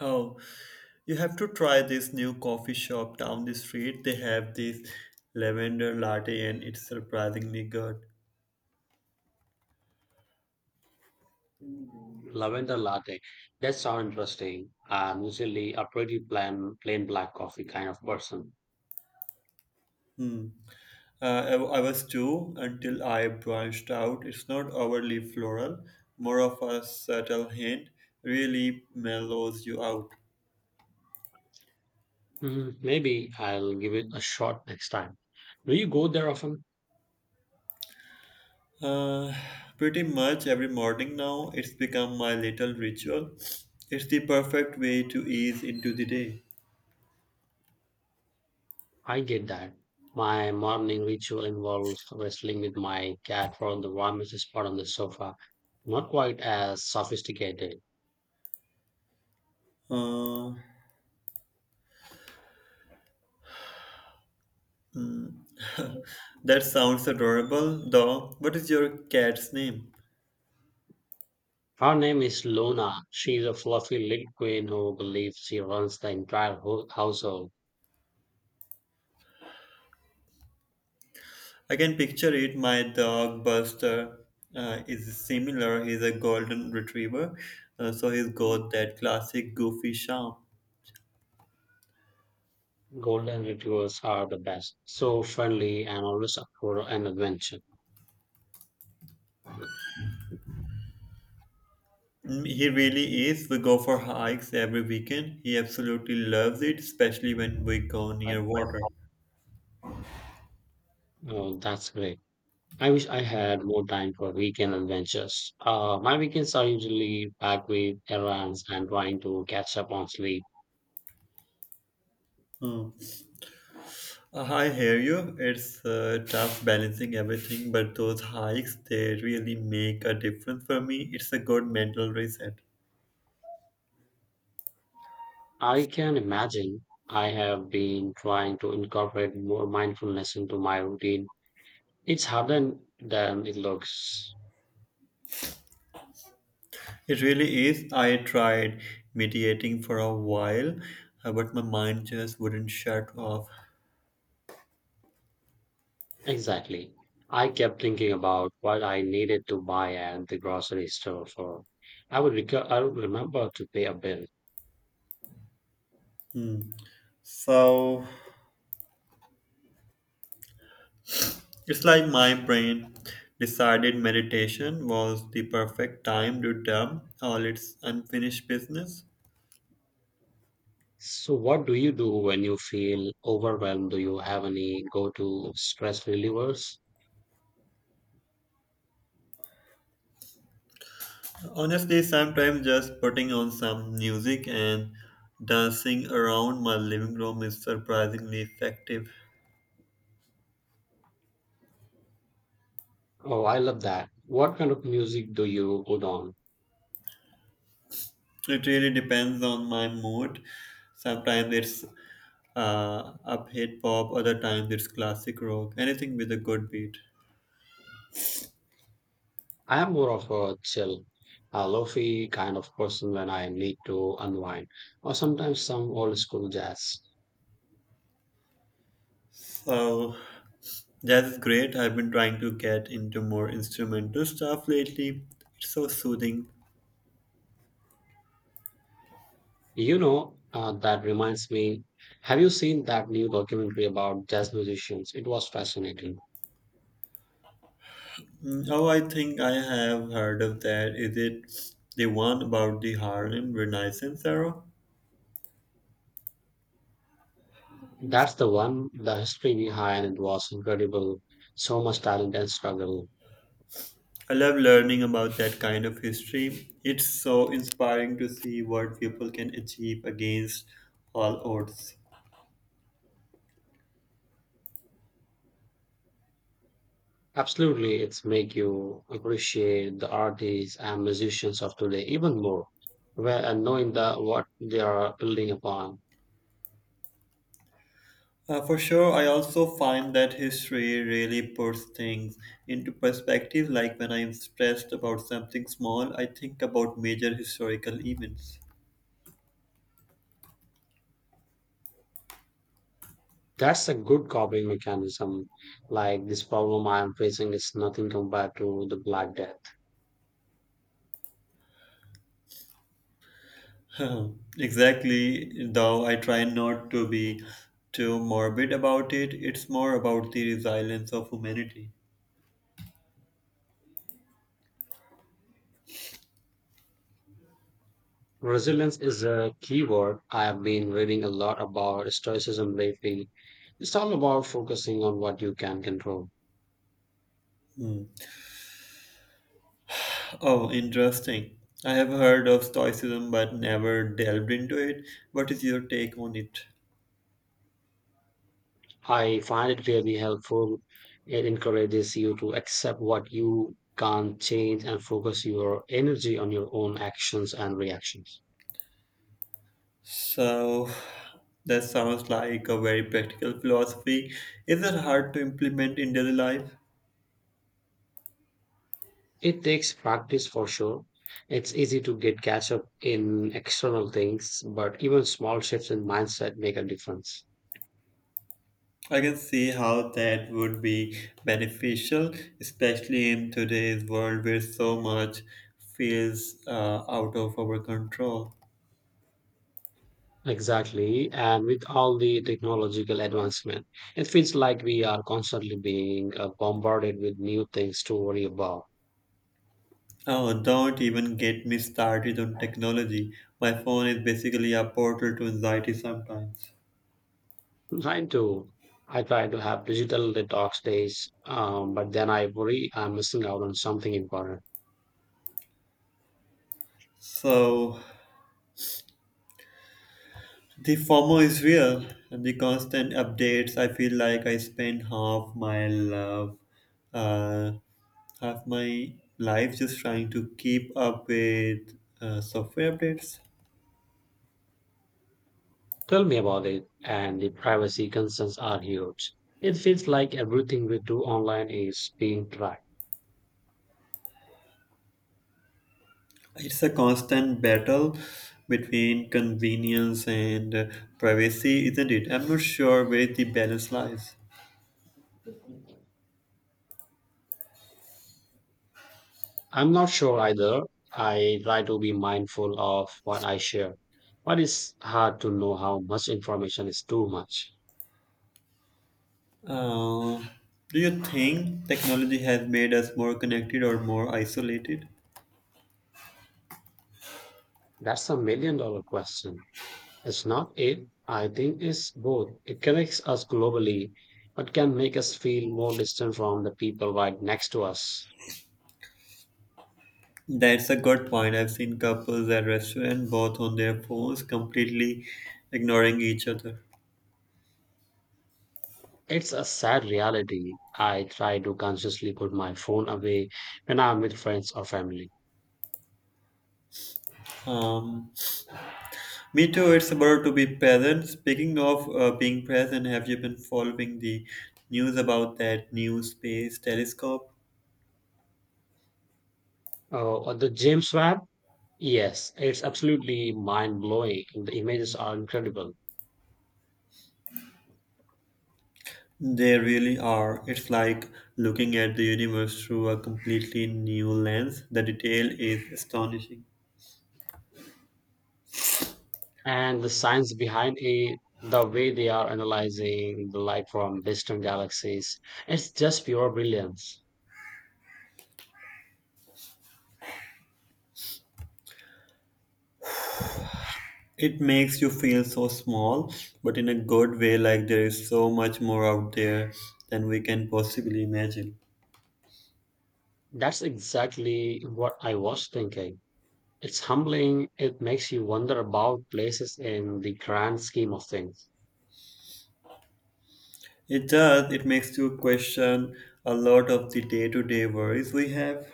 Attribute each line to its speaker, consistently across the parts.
Speaker 1: Oh, you have to try this new coffee shop down the street. They have this lavender latte and it's surprisingly good.
Speaker 2: Mm-hmm. Lavender latte. That sounds interesting. I'm usually a pretty plain black coffee kind of person.
Speaker 1: Hmm. I was too until I branched out. It's not overly floral, more of a subtle hint, really mellows you out.
Speaker 2: Mm, maybe I'll give it a shot next time. Do you go there often?
Speaker 1: Uh, Pretty much every morning now, it's become my little ritual. It's the perfect way to ease into the day.
Speaker 2: I get that. My morning ritual involves wrestling with my cat for the warmest spot on the sofa. Not quite as sophisticated.
Speaker 1: Uh, That sounds adorable, though. What is your cat's name?
Speaker 2: Her name is Luna. She's a fluffy little queen who believes she runs the entire household.
Speaker 1: I can picture it. My dog Buster is similar. He's a golden retriever, so he's got that classic goofy charm.
Speaker 2: Golden retrievers are the best. So friendly and always up for an adventure.
Speaker 1: Mm, he really is. We go for hikes every weekend. He absolutely loves it, especially when we go near water.
Speaker 2: Oh, that's great. I wish I had more time for weekend adventures. My weekends are usually packed with errands and trying to catch up on sleep.
Speaker 1: Hmm. I hear you. It's tough balancing everything, but those hikes, they really make a difference for me. It's a good mental reset.
Speaker 2: I can imagine I have been trying to incorporate more mindfulness into my routine. It's harder than it looks.
Speaker 1: It really is. I tried meditating for a while, but my mind just wouldn't shut off.
Speaker 2: Exactly. I kept thinking about what I needed to buy at the grocery store for. I would remember to pay a bill.
Speaker 1: Hmm. So it's like my brain decided meditation was the perfect time to dump all its unfinished business.
Speaker 2: So what do you do when you feel overwhelmed? Do you have any go-to stress relievers?
Speaker 1: Honestly, sometimes just putting on some music and dancing around my living room is surprisingly effective.
Speaker 2: Oh, I love that. What kind of music do you put on?
Speaker 1: It really depends on my mood. Sometimes it's upbeat pop, other times it's classic rock, anything with a good beat.
Speaker 2: I am more of a chill, a lofi kind of person when I need to unwind, or sometimes some old school jazz.
Speaker 1: So that's great. I've been trying to get into more instrumental stuff lately. It's so soothing.
Speaker 2: That reminds me, have you seen that new documentary about jazz musicians? It was fascinating.
Speaker 1: Mm, oh, I think I have heard of that. Is it the one about the Harlem Renaissance era?
Speaker 2: That's the one, the history behind it was incredible. So much talent and struggle.
Speaker 1: I love learning about that kind of history. It's so inspiring to see what people can achieve against all odds.
Speaker 2: Absolutely, it's make you appreciate the artists and musicians of today even more, where and knowing the what they are building upon.
Speaker 1: For sure, I also find that history really puts things into perspective. Like when I'm stressed about something small, I think about major historical events.
Speaker 2: That's a good coping mechanism. Like this problem I am facing is nothing compared to the Black Death.
Speaker 1: Exactly, though I try not to be too morbid about it, it's more about the resilience of humanity.
Speaker 2: Resilience is a key word. I have been reading a lot about stoicism lately. It's all about focusing on what you can control.
Speaker 1: Hmm. Oh, interesting. I have heard of Stoicism but never delved into it. What is your take on it?
Speaker 2: I find it really helpful. It encourages you to accept what you can't change and focus your energy on your own actions and reactions.
Speaker 1: So, that sounds like a very practical philosophy. Is it hard to implement in daily life?
Speaker 2: It takes practice for sure. It's easy to get catch up in external things, but even small shifts in mindset make a difference.
Speaker 1: I can see how that would be beneficial, especially in today's world where so much feels out of our control.
Speaker 2: Exactly. And with all the technological advancement, it feels like we are constantly being bombarded with new things to worry about.
Speaker 1: Oh, don't even get me started on technology. My phone is basically a portal to anxiety sometimes.
Speaker 2: I'm trying to. I try to have digital detox days, but then I worry I'm missing out on something important.
Speaker 1: So, the FOMO is real, and the constant updates. I feel like I spend half my uh, half my life just trying to keep up with software updates.
Speaker 2: Tell me about it, and the privacy concerns are huge. It feels like everything we do online is being tracked.
Speaker 1: It's a constant battle between convenience and privacy, isn't it? I'm not sure where the balance lies.
Speaker 2: I'm not sure either. I try to be mindful of what I share, but it's hard to know how much information is too much.
Speaker 1: Uh, do you think technology has made us more connected or more isolated?
Speaker 2: That's a million dollar question. It's not it. I think it's both. It connects us globally, but can make us feel more distant from the people right next to us.
Speaker 1: That's a good point. I've seen couples at restaurant both on their phones, completely ignoring each other.
Speaker 2: It's a sad reality. I try to consciously put my phone away when I'm with friends or family.
Speaker 1: Um, Me too, it's about to be present. Speaking of being present, have you been following the news about that new space telescope?
Speaker 2: Oh, the James Webb, yes, it's absolutely mind blowing. The images are incredible.
Speaker 1: They really are. It's like looking at the universe through a completely new lens. The detail is astonishing.
Speaker 2: And the science behind it, the way they are analyzing the light from distant galaxies, it's just pure brilliance.
Speaker 1: It makes you feel so small, but in a good way, like there is so much more out there than we can possibly imagine.
Speaker 2: That's exactly what I was thinking. It's humbling. It makes you wonder about places in the grand scheme of things.
Speaker 1: It does, it makes you question a lot of the day to day worries we have.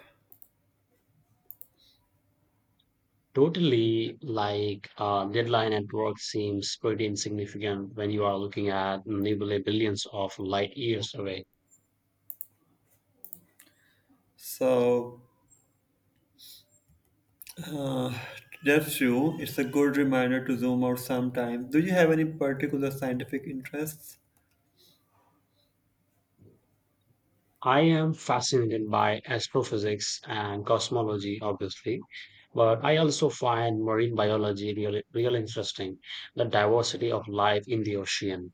Speaker 2: Totally, like deadline at work seems pretty insignificant when you are looking at nebulae billions of light years away.
Speaker 1: So, Uh, that's true. It's a good reminder to zoom out sometime. Do you have any particular scientific interests?
Speaker 2: I am fascinated by astrophysics and cosmology, obviously, but I also find marine biology really interesting, the diversity of life in the ocean.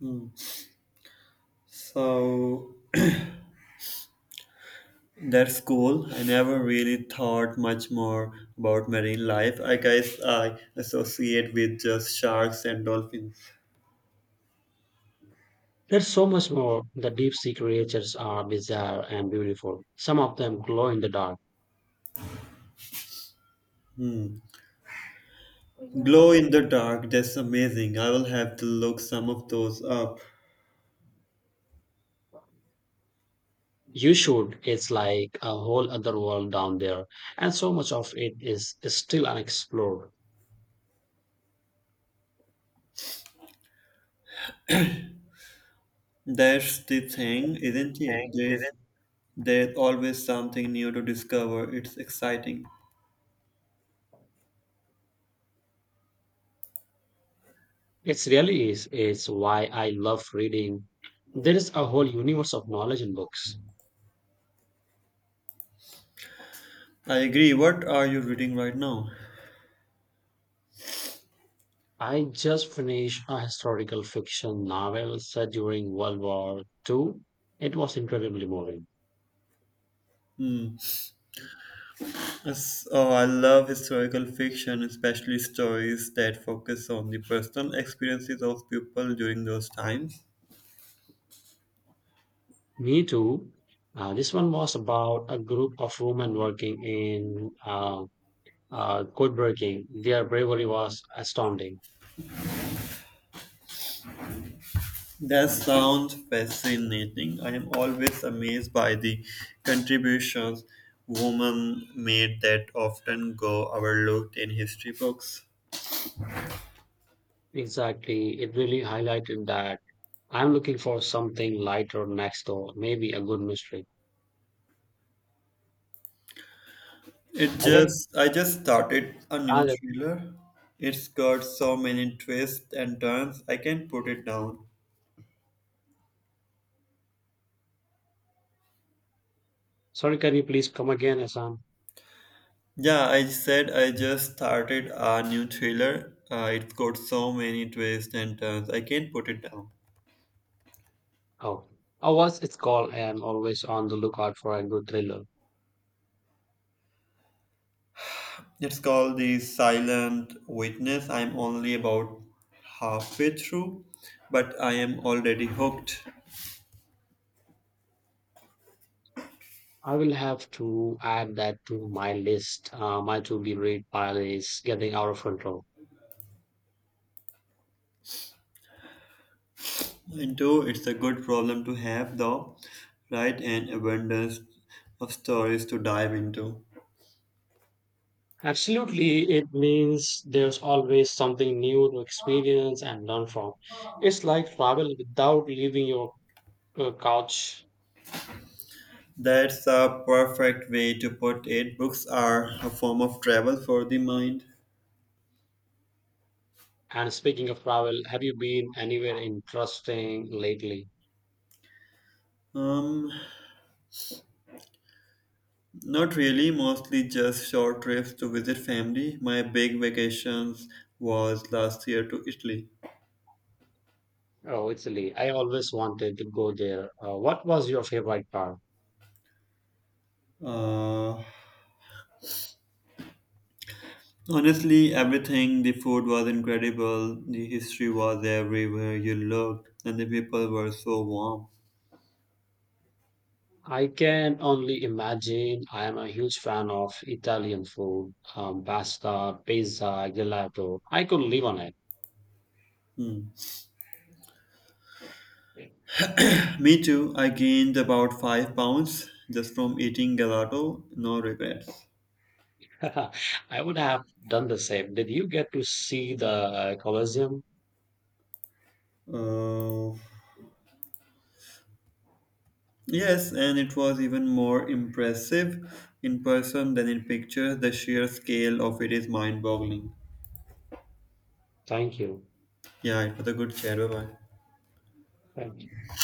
Speaker 1: Hmm. So that's cool. I never really thought much more about marine life. I guess I associate with just sharks and dolphins.
Speaker 2: There's so much more. The deep sea creatures are bizarre and beautiful. Some of them glow in the dark.
Speaker 1: Glow in the dark, that's amazing. I will have to look some of those up.
Speaker 2: You should. It's like a whole other world down there. And so much of it is still unexplored.
Speaker 1: That's the thing, isn't it? There's always something new to discover. It's exciting.
Speaker 2: It really is. It's why I love reading. There is a whole universe of knowledge in books.
Speaker 1: I agree. What are you reading right now?
Speaker 2: I just finished a historical fiction novel set during World War Two. It was incredibly moving.
Speaker 1: Hmm. Yes, oh, I love historical fiction, especially stories that focus on the personal experiences of people during those times.
Speaker 2: Me too. This one was about a group of women working in code breaking. Their bravery was astounding.
Speaker 1: That sounds fascinating. I am always amazed by the contributions women made that often go overlooked in history books.
Speaker 2: Exactly. It really highlighted that I'm looking for something lighter next door, maybe a good mystery.
Speaker 1: It
Speaker 2: Ale,
Speaker 1: just I just started a new
Speaker 2: uh,
Speaker 1: thriller. It's got so many twists and turns. I can't put it down.
Speaker 2: Sorry, can you please come again, Asan?
Speaker 1: Yeah, I said I just started a new thriller. It's got so many twists and turns. I can't put it down.
Speaker 2: Oh, I was, it's called, I am always on the lookout for a good thriller.
Speaker 1: It's called The Silent Witness. I'm only about halfway through, but I am already hooked.
Speaker 2: I will have to add that to my list. My to be read pile is getting out of control.
Speaker 1: Into it's a good problem to have, though, right? An abundance of stories to dive into.
Speaker 2: Absolutely, it means there's always something new to experience and learn from. It's like travel without leaving your couch.
Speaker 1: That's a perfect way to put it. Books are a form of travel for the mind.
Speaker 2: And speaking of travel, have you been anywhere interesting lately?
Speaker 1: Um, Not really, mostly just short trips to visit family. My big vacations was last year to Italy.
Speaker 2: Oh, Italy. I always wanted to go there. What was your favorite part?
Speaker 1: Uh, Honestly, everything the food was incredible, the history was everywhere you looked, and the people were so warm.
Speaker 2: I can only imagine. I am a huge fan of Italian food, pasta, pizza, gelato. I could live on it.
Speaker 1: Hmm. Me too, I gained about 5 pounds just from eating gelato, no regrets.
Speaker 2: I would have done the same. Did you get to see the Colosseum?
Speaker 1: Uh, Yes, and it was even more impressive in person than in pictures. The sheer scale of it is mind boggling.
Speaker 2: Thank you.
Speaker 1: Yeah, it was a good chat. Bye bye.
Speaker 2: Thank you.